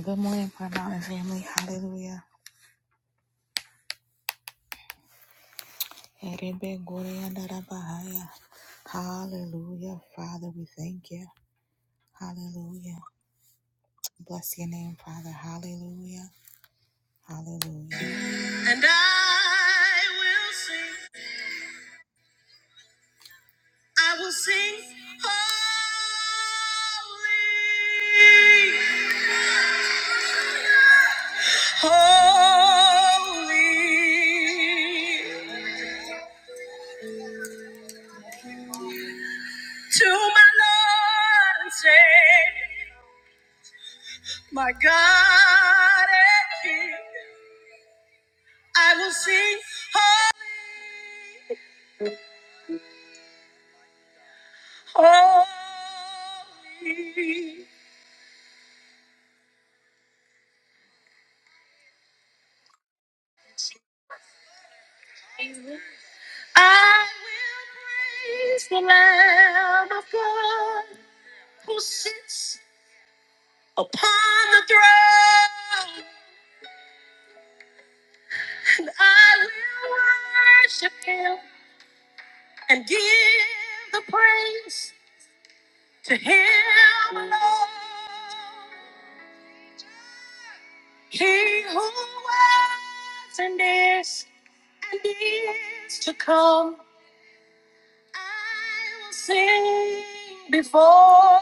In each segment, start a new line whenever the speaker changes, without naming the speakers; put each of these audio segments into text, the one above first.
Good morning, Prayer Mountain family. Hallelujah. Erebe Goria Darabahaya. Hallelujah. Father, we thank you. Hallelujah. Bless your name, Father. Hallelujah. Hallelujah. And I will sing. I will sing. Holy. Holy. to my Lord and Savior, my God and King. I will sing holy, holy. I will praise the Lamb of God who sits upon the throne, and I will worship Him and give the praise. To him alone, he who was and is and is to come, I will sing before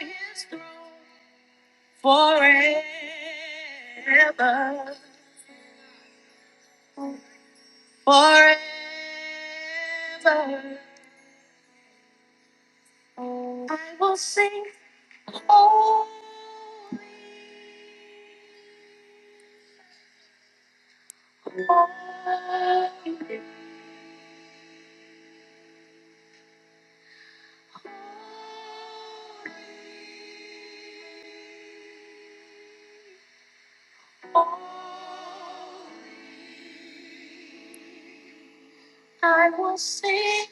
his throne forever, forever. I will sing.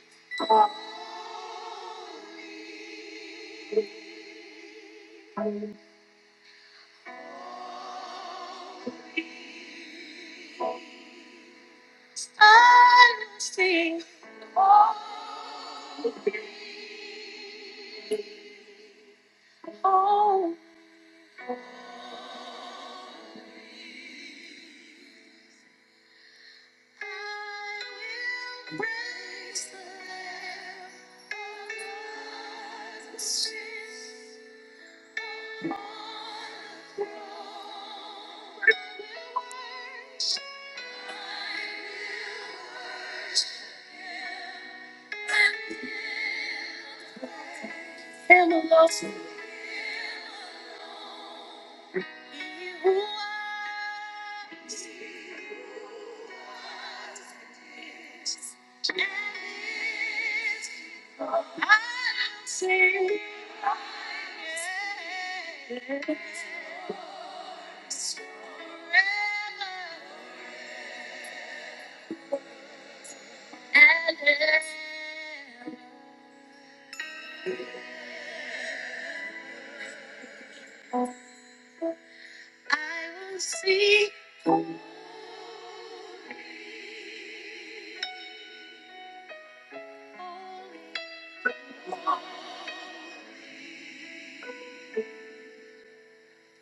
honesty. I will praise the honesty of my throne. I will worship. Him in the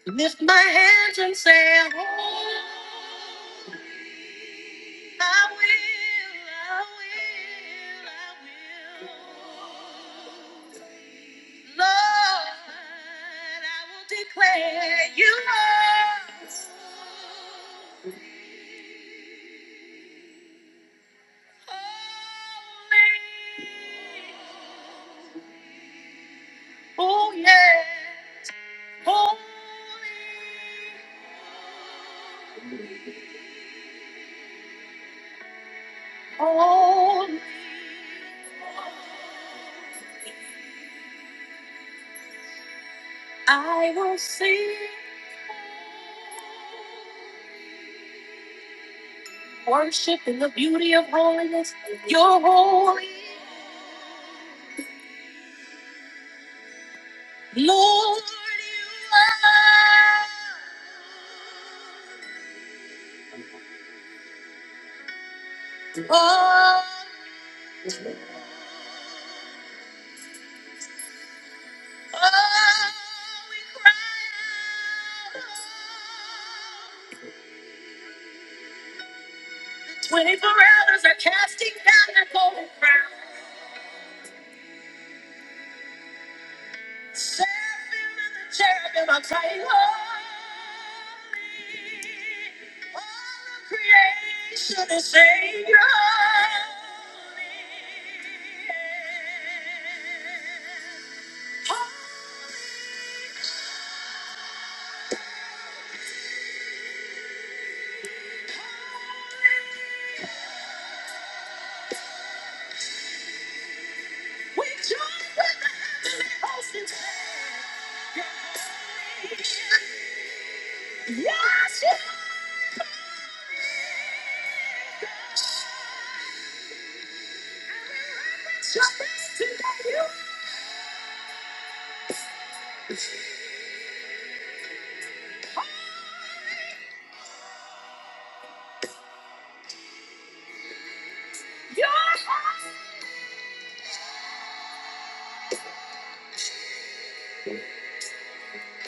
Lift my hands and say, Oh, I will, I will, I will. Lord, I will declare you are holy. Oh, yes, holy, holy. I will sing, worship in the beauty of holiness. You're holy, Lord. You are. Oh, oh, we cry. Twenty-four elders are casting down their golden crown. Seraphim and the cherubim are Holy, all creation is sacred. Your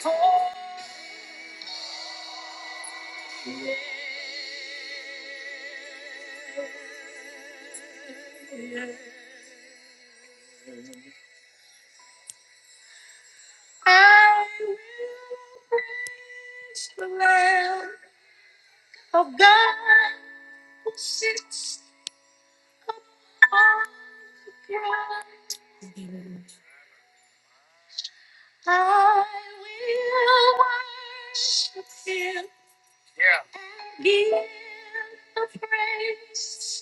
throne I will praise, the Lamb of God who sits on the throne. I will worship and give the praise.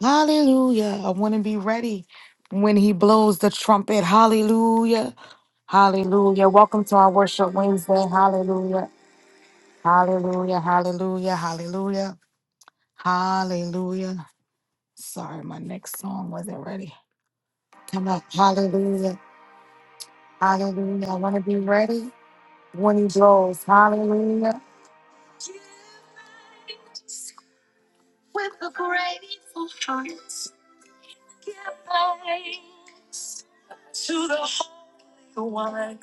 Hallelujah. I want to be ready when he blows the trumpet. Hallelujah. Hallelujah. Welcome to our Worship Wednesday. Hallelujah. Hallelujah. Hallelujah. Hallelujah. Hallelujah. Sorry, my next song wasn't ready. Come up. Hallelujah. Hallelujah. I want to be ready when he blows. Hallelujah. Give thanks to the Holy One.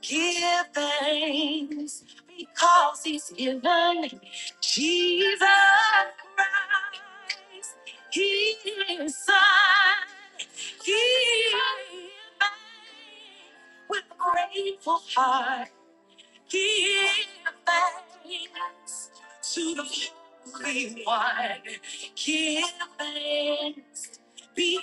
Give thanks because He's given Jesus Christ, His Son. Give thanks, everyone.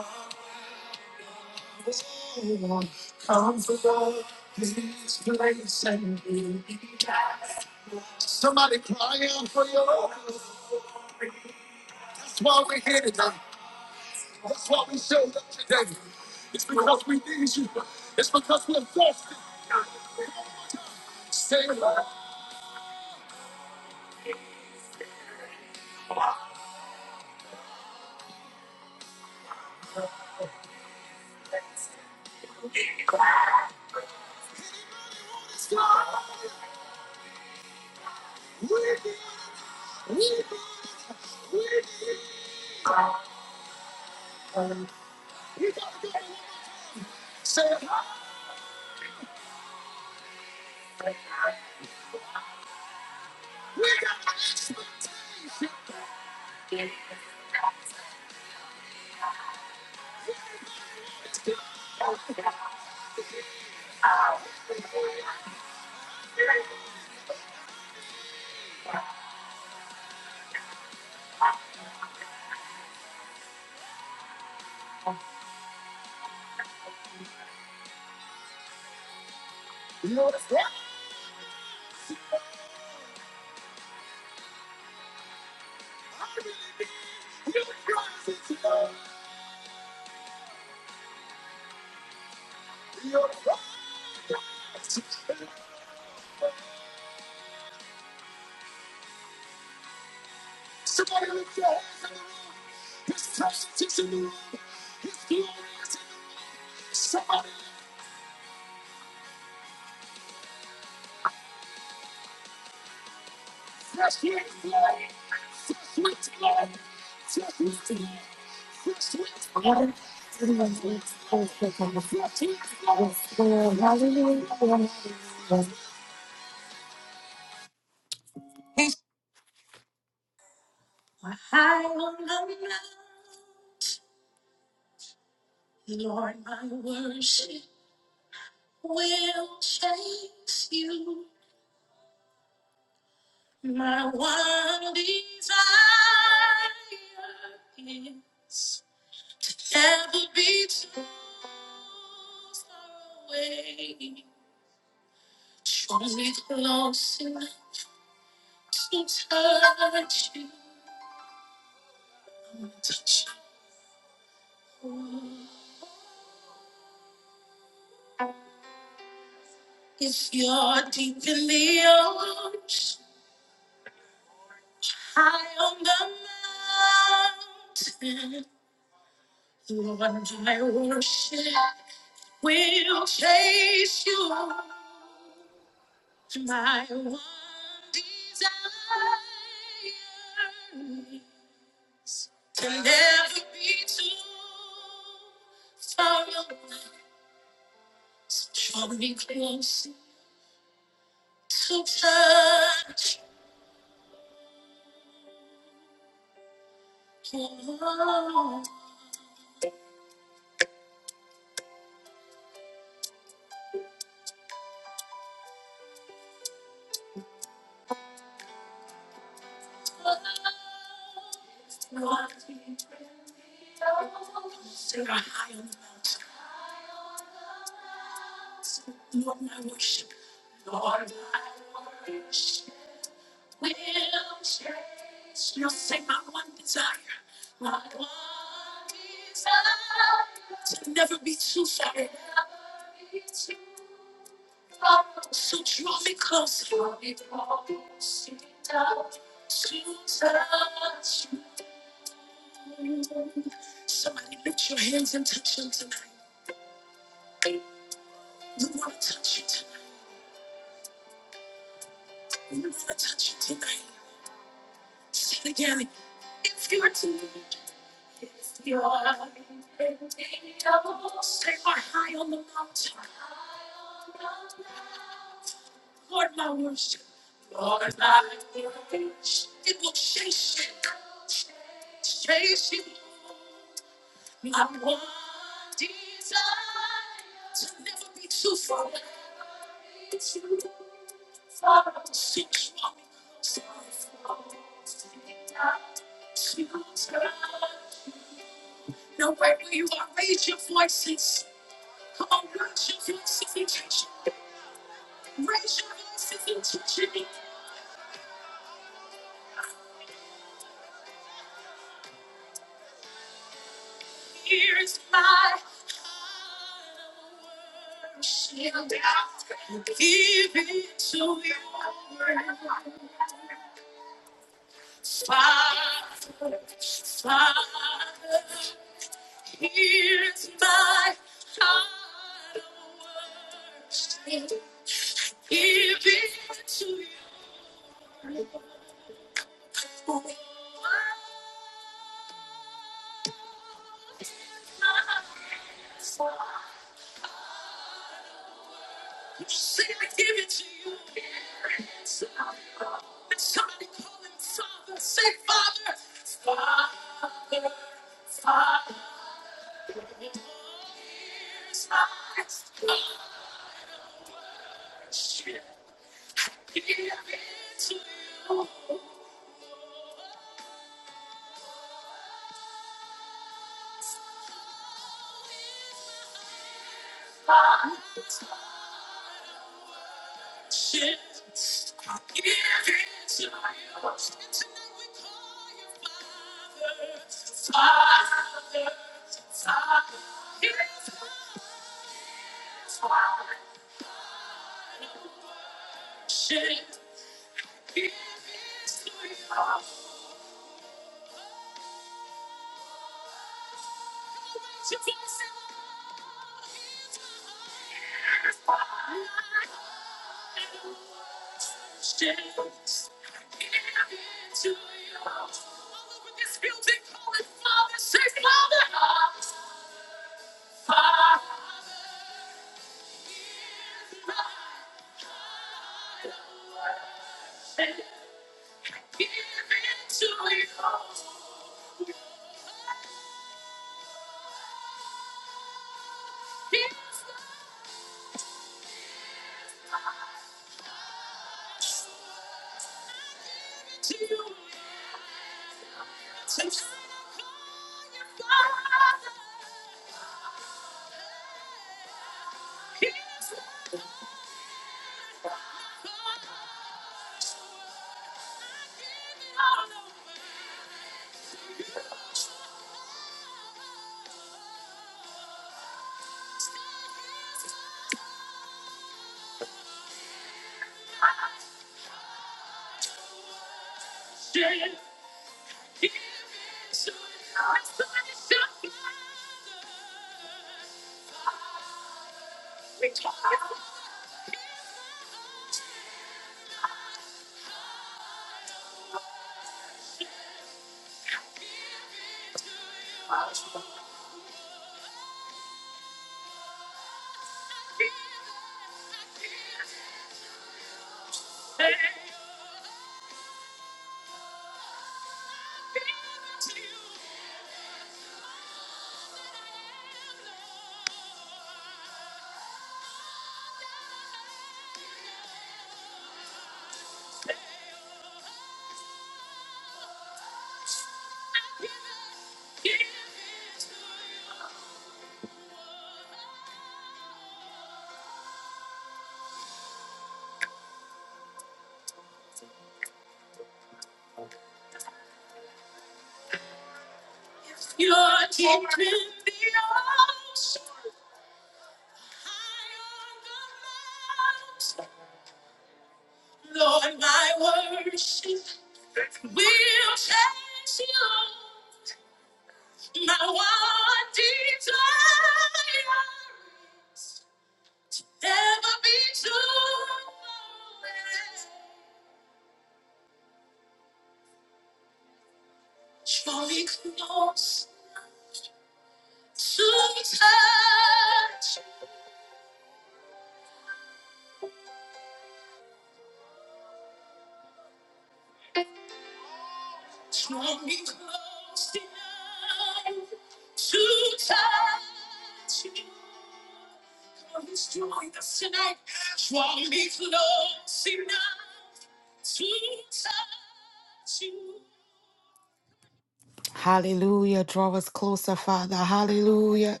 Hallelujah. Draw us closer, Father. Hallelujah.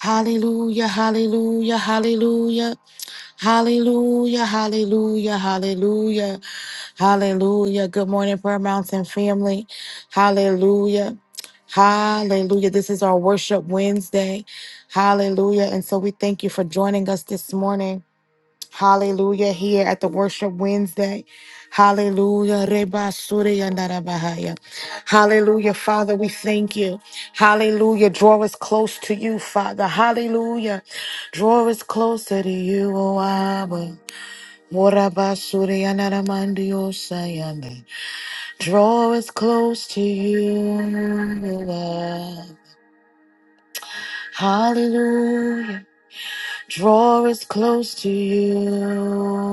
Hallelujah. Hallelujah. Hallelujah. Hallelujah. Hallelujah. Hallelujah. Hallelujah. Good morning, Prayer Mountain family. Hallelujah. Hallelujah. This is our worship Wednesday. Hallelujah. And so we thank you for joining us this morning. Hallelujah. Here at the Worship Wednesday. Hallelujah. Reba Suri Yandara Bahaya. Hallelujah. Father, we thank you. Hallelujah. Draw us close to you, Father. Hallelujah. Draw us closer to you, O Abba. Moraba Suri Yandara Mandio Sayanda. Draw us close to you, O Abba. Hallelujah. Draw us close to you.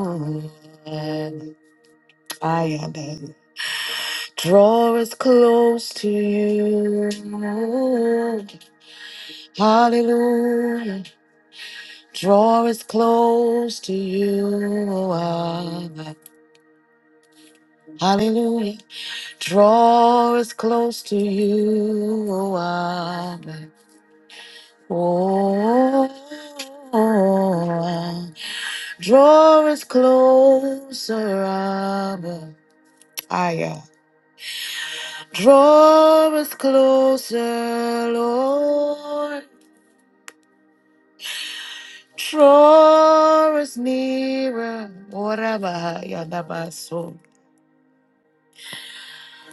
O Abba. I am in. Draw us close to you. Hallelujah. Draw us close to you. oh Abba. Hallelujah. Draw us close to you. oh Abba. Oh, Abba. draw us closer, Abba. Aya. Draw us closer, Lord. Draw us nearer, whatever Yadabaso.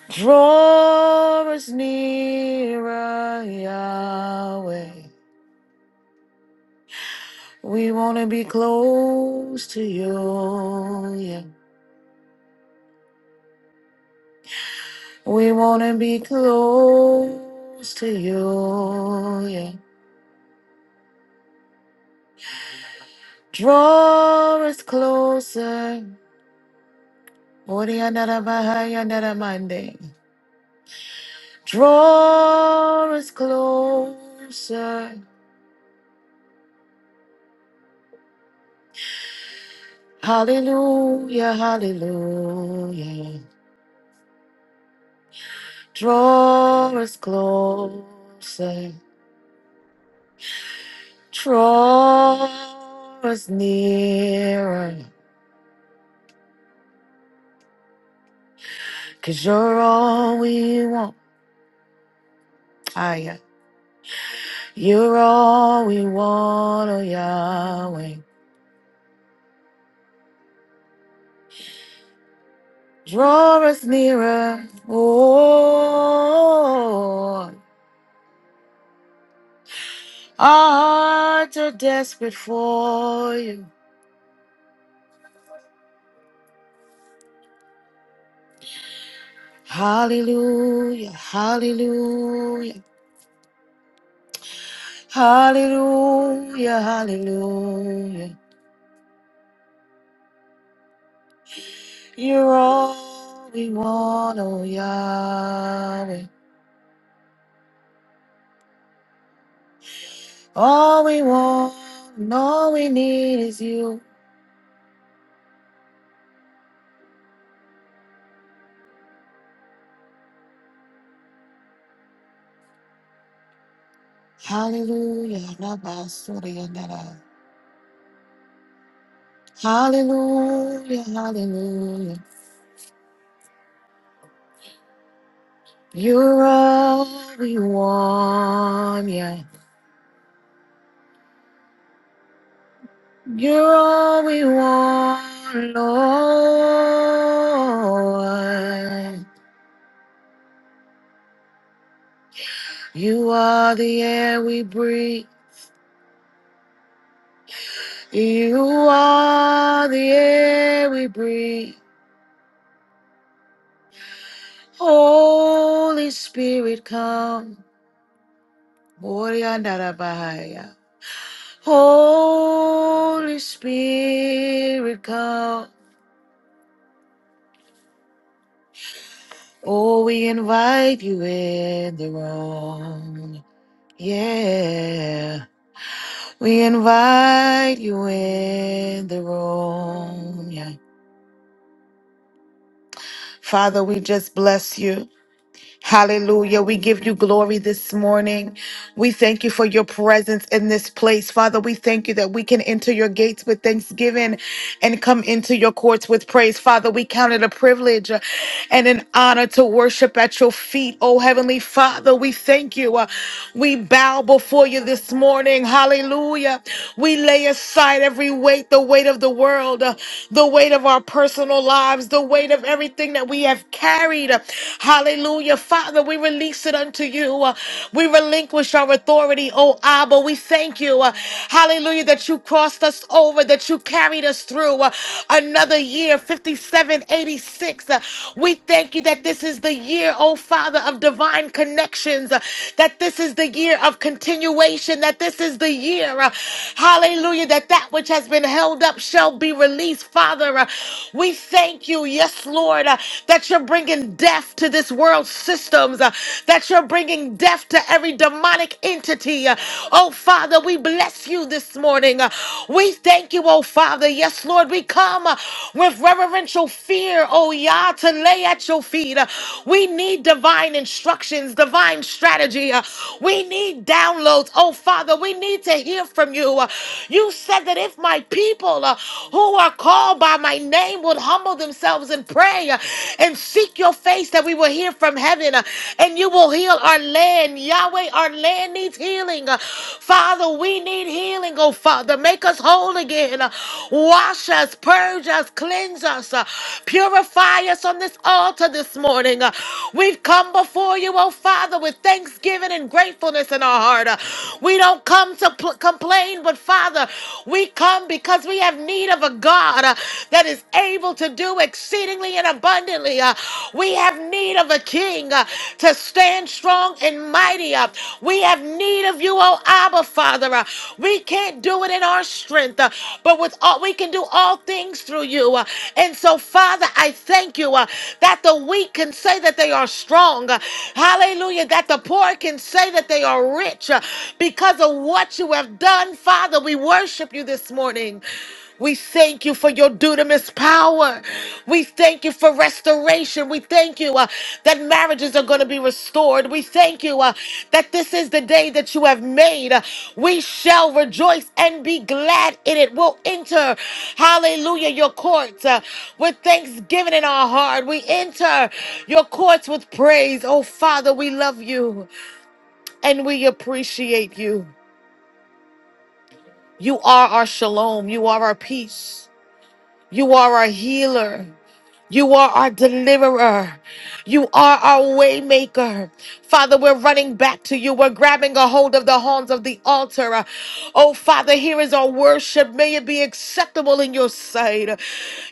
Draw us nearer, Yahweh. We want to be close to you, yeah. We want to be close to you, yeah. Draw us closer, Orianarabahaya Naramande. Draw us closer. Hallelujah, hallelujah. Draw us closer, draw us nearer, you you're all we want. Ah, yeah. You're all we want, oh Yahweh. Draw us nearer, oh. Our hearts are desperate for you. Hallelujah, hallelujah. Hallelujah, hallelujah. You're all we want, oh Yahweh. All we want and all we need is you. Hallelujah, Rabasuriandara. Hallelujah, hallelujah. You're all we want, yeah. You're all we want, Lord. You are the air we breathe. You are the air we breathe. Holy Spirit, come. Oriandarabahaya. Holy Spirit, come. Oh, we invite you in the room. Yeah. We invite you in the room. Yeah. Father, we just bless you. Hallelujah. We give you glory this morning. We thank you for your presence in this place. Father, we thank you that we can enter your gates with thanksgiving and come into your courts with praise. Father, we count it a privilege uh, and an honor to worship at your feet. Oh, Heavenly Father, we thank you. Uh, We bow before you this morning. Hallelujah. We lay aside every weight, the weight of the world, uh, the weight of our personal lives, the weight of everything that we have carried. Hallelujah. Father, Father, we release it unto you. Uh, We relinquish our authority, oh Abba. We thank you, uh, hallelujah, that you crossed us over, that you carried us through uh, another year, 5786. Uh, We thank you that this is the year, oh Father, of divine connections, uh, that this is the year of continuation, that this is the year, uh, hallelujah, that that which has been held up shall be released, Father. Uh, We thank you, yes, Lord, uh, that you're bringing death to this world's systems, uh, that you're bringing death to every demonic entity. uh. Oh, Father, we bless you this morning. uh. We thank you, oh, Father. Yes, Lord, we come uh, with reverential fear, oh, Yah, to lay at your feet. uh. We need divine instructions, divine strategy. uh. We need downloads, oh, Father. We need to hear from you. uh. You said that if my people uh, who are called by my my name would humble themselves and pray uh, and seek your face that we will hear from heaven uh, and you will heal our land. Yahweh, our land needs healing. Uh, Father, we need healing, oh Father. Make us whole again. Uh, Wash us, purge us, cleanse us, uh, purify us on this altar this morning. Uh, We've come before you, oh Father, with thanksgiving and gratefulness in our heart. Uh, We don't come to pl- complain, but Father, we we come because we have need of a God uh, that is able to do exceedingly and abundantly. uh, we have need of a king uh, to stand strong and mighty. uh, we have need of you, oh Abba, Father. uh, we can't do it in our strength, uh, but with all we can do all things through you. uh, and so, Father, I thank you uh, that the weak can say that they are strong. uh, hallelujah. That the poor can say that they are rich uh, because of what you have done, Father. We worship you this morning. We thank you for your dunamis power. We thank you for restoration. We thank you uh, that marriages are going to be restored. We thank you uh, that this is the day that you have made. Uh, we shall rejoice and be glad in it. We'll enter, hallelujah, your courts uh, with thanksgiving in our heart. We enter your courts with praise. Oh, Father, we love you and we appreciate you. You are our shalom. You are our peace. You are our healer. You are our deliverer. You are our waymaker. Father, we're running back to you. We're grabbing a hold of the horns of the altar. Uh, Oh, Father, here is our worship. May it be acceptable in your sight.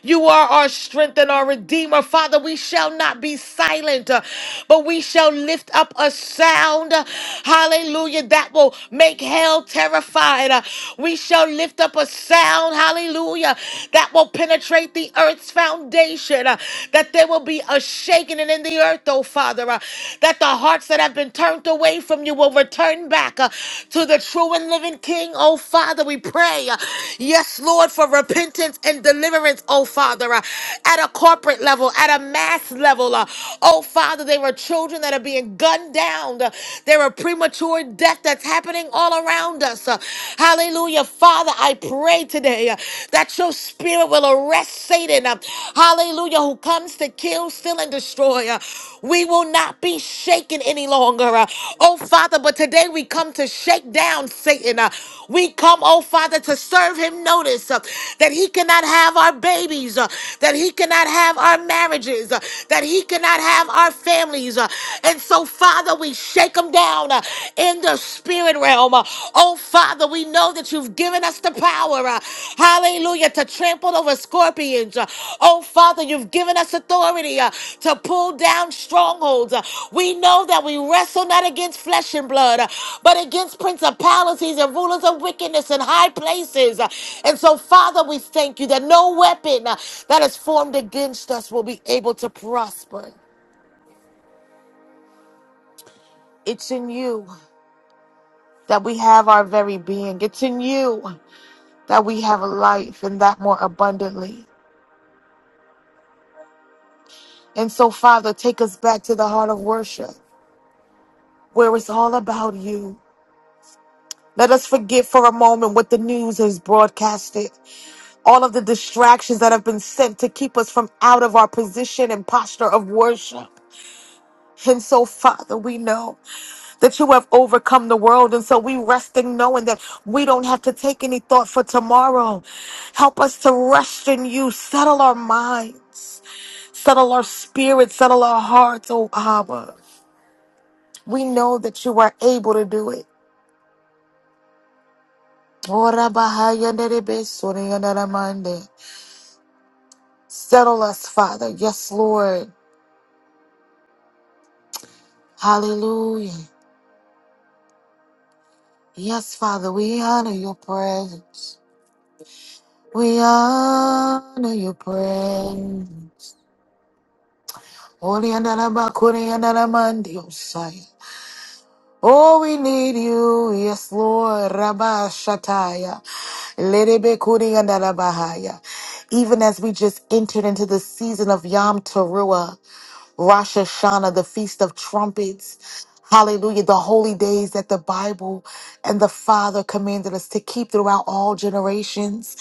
You are our strength and our redeemer. Father, we shall not be silent, uh, but we shall lift up a sound. uh, Hallelujah. That will make hell terrified. Uh, We shall lift up a sound. Hallelujah. That will penetrate the the earth's foundation, uh, that there will be a shaking in the earth, oh Father, uh, that the hearts that have been turned away from you will return back uh, to the true and living King, oh Father, we pray. uh, Yes, Lord, for repentance and deliverance, oh Father, uh, at a corporate level, at a mass level, uh, oh Father, there are children that are being gunned down, uh, there are premature death that's happening all around us. uh, Hallelujah, Father, I pray today uh, that your your spirit will arrest Satan, uh, hallelujah, who comes to kill, steal, and destroy. uh, We will not be shaken any longer. uh, Oh, Father, but today we come to shake down Satan. uh, We come, oh, Father, to serve him notice uh, that he cannot have our babies, uh, that he cannot have our marriages, uh, that he cannot have our families. uh, And so, Father, we shake them down uh, in the spirit realm. uh, Oh, Father, we know that you've given us the power. have our very being. It's in you that we have a life and that more abundantly. And so, Father, take us back to the heart of worship where it's all about you. Let us forget for a moment what the news has broadcasted, all of the distractions that have been sent to keep us from out of our position and posture of worship. And so, Father, we know. that you have overcome the world. And so we resting knowing that we don't have to take any thought for tomorrow. Help us to rest in you. Settle our minds, settle our spirits, settle our hearts, oh Abba. We know that you are able to do it. Ora bahaya nerebe suri yanaramande. Settle us, Father. Yes, Lord. Hallelujah. Yes, Father, we honor your presence. We honor your presence. Holy and Anaba, Kuri and Anamandi, Oh, we need you, yes, Lord, Rabba Shataya, Lerebe Kuri and Anabahaya. Even as we just entered into the season of Yom Teruah. Rosh Hashanah, the Feast of Trumpets. Hallelujah, the holy days that the Bible and the Father commanded us to keep throughout all generations.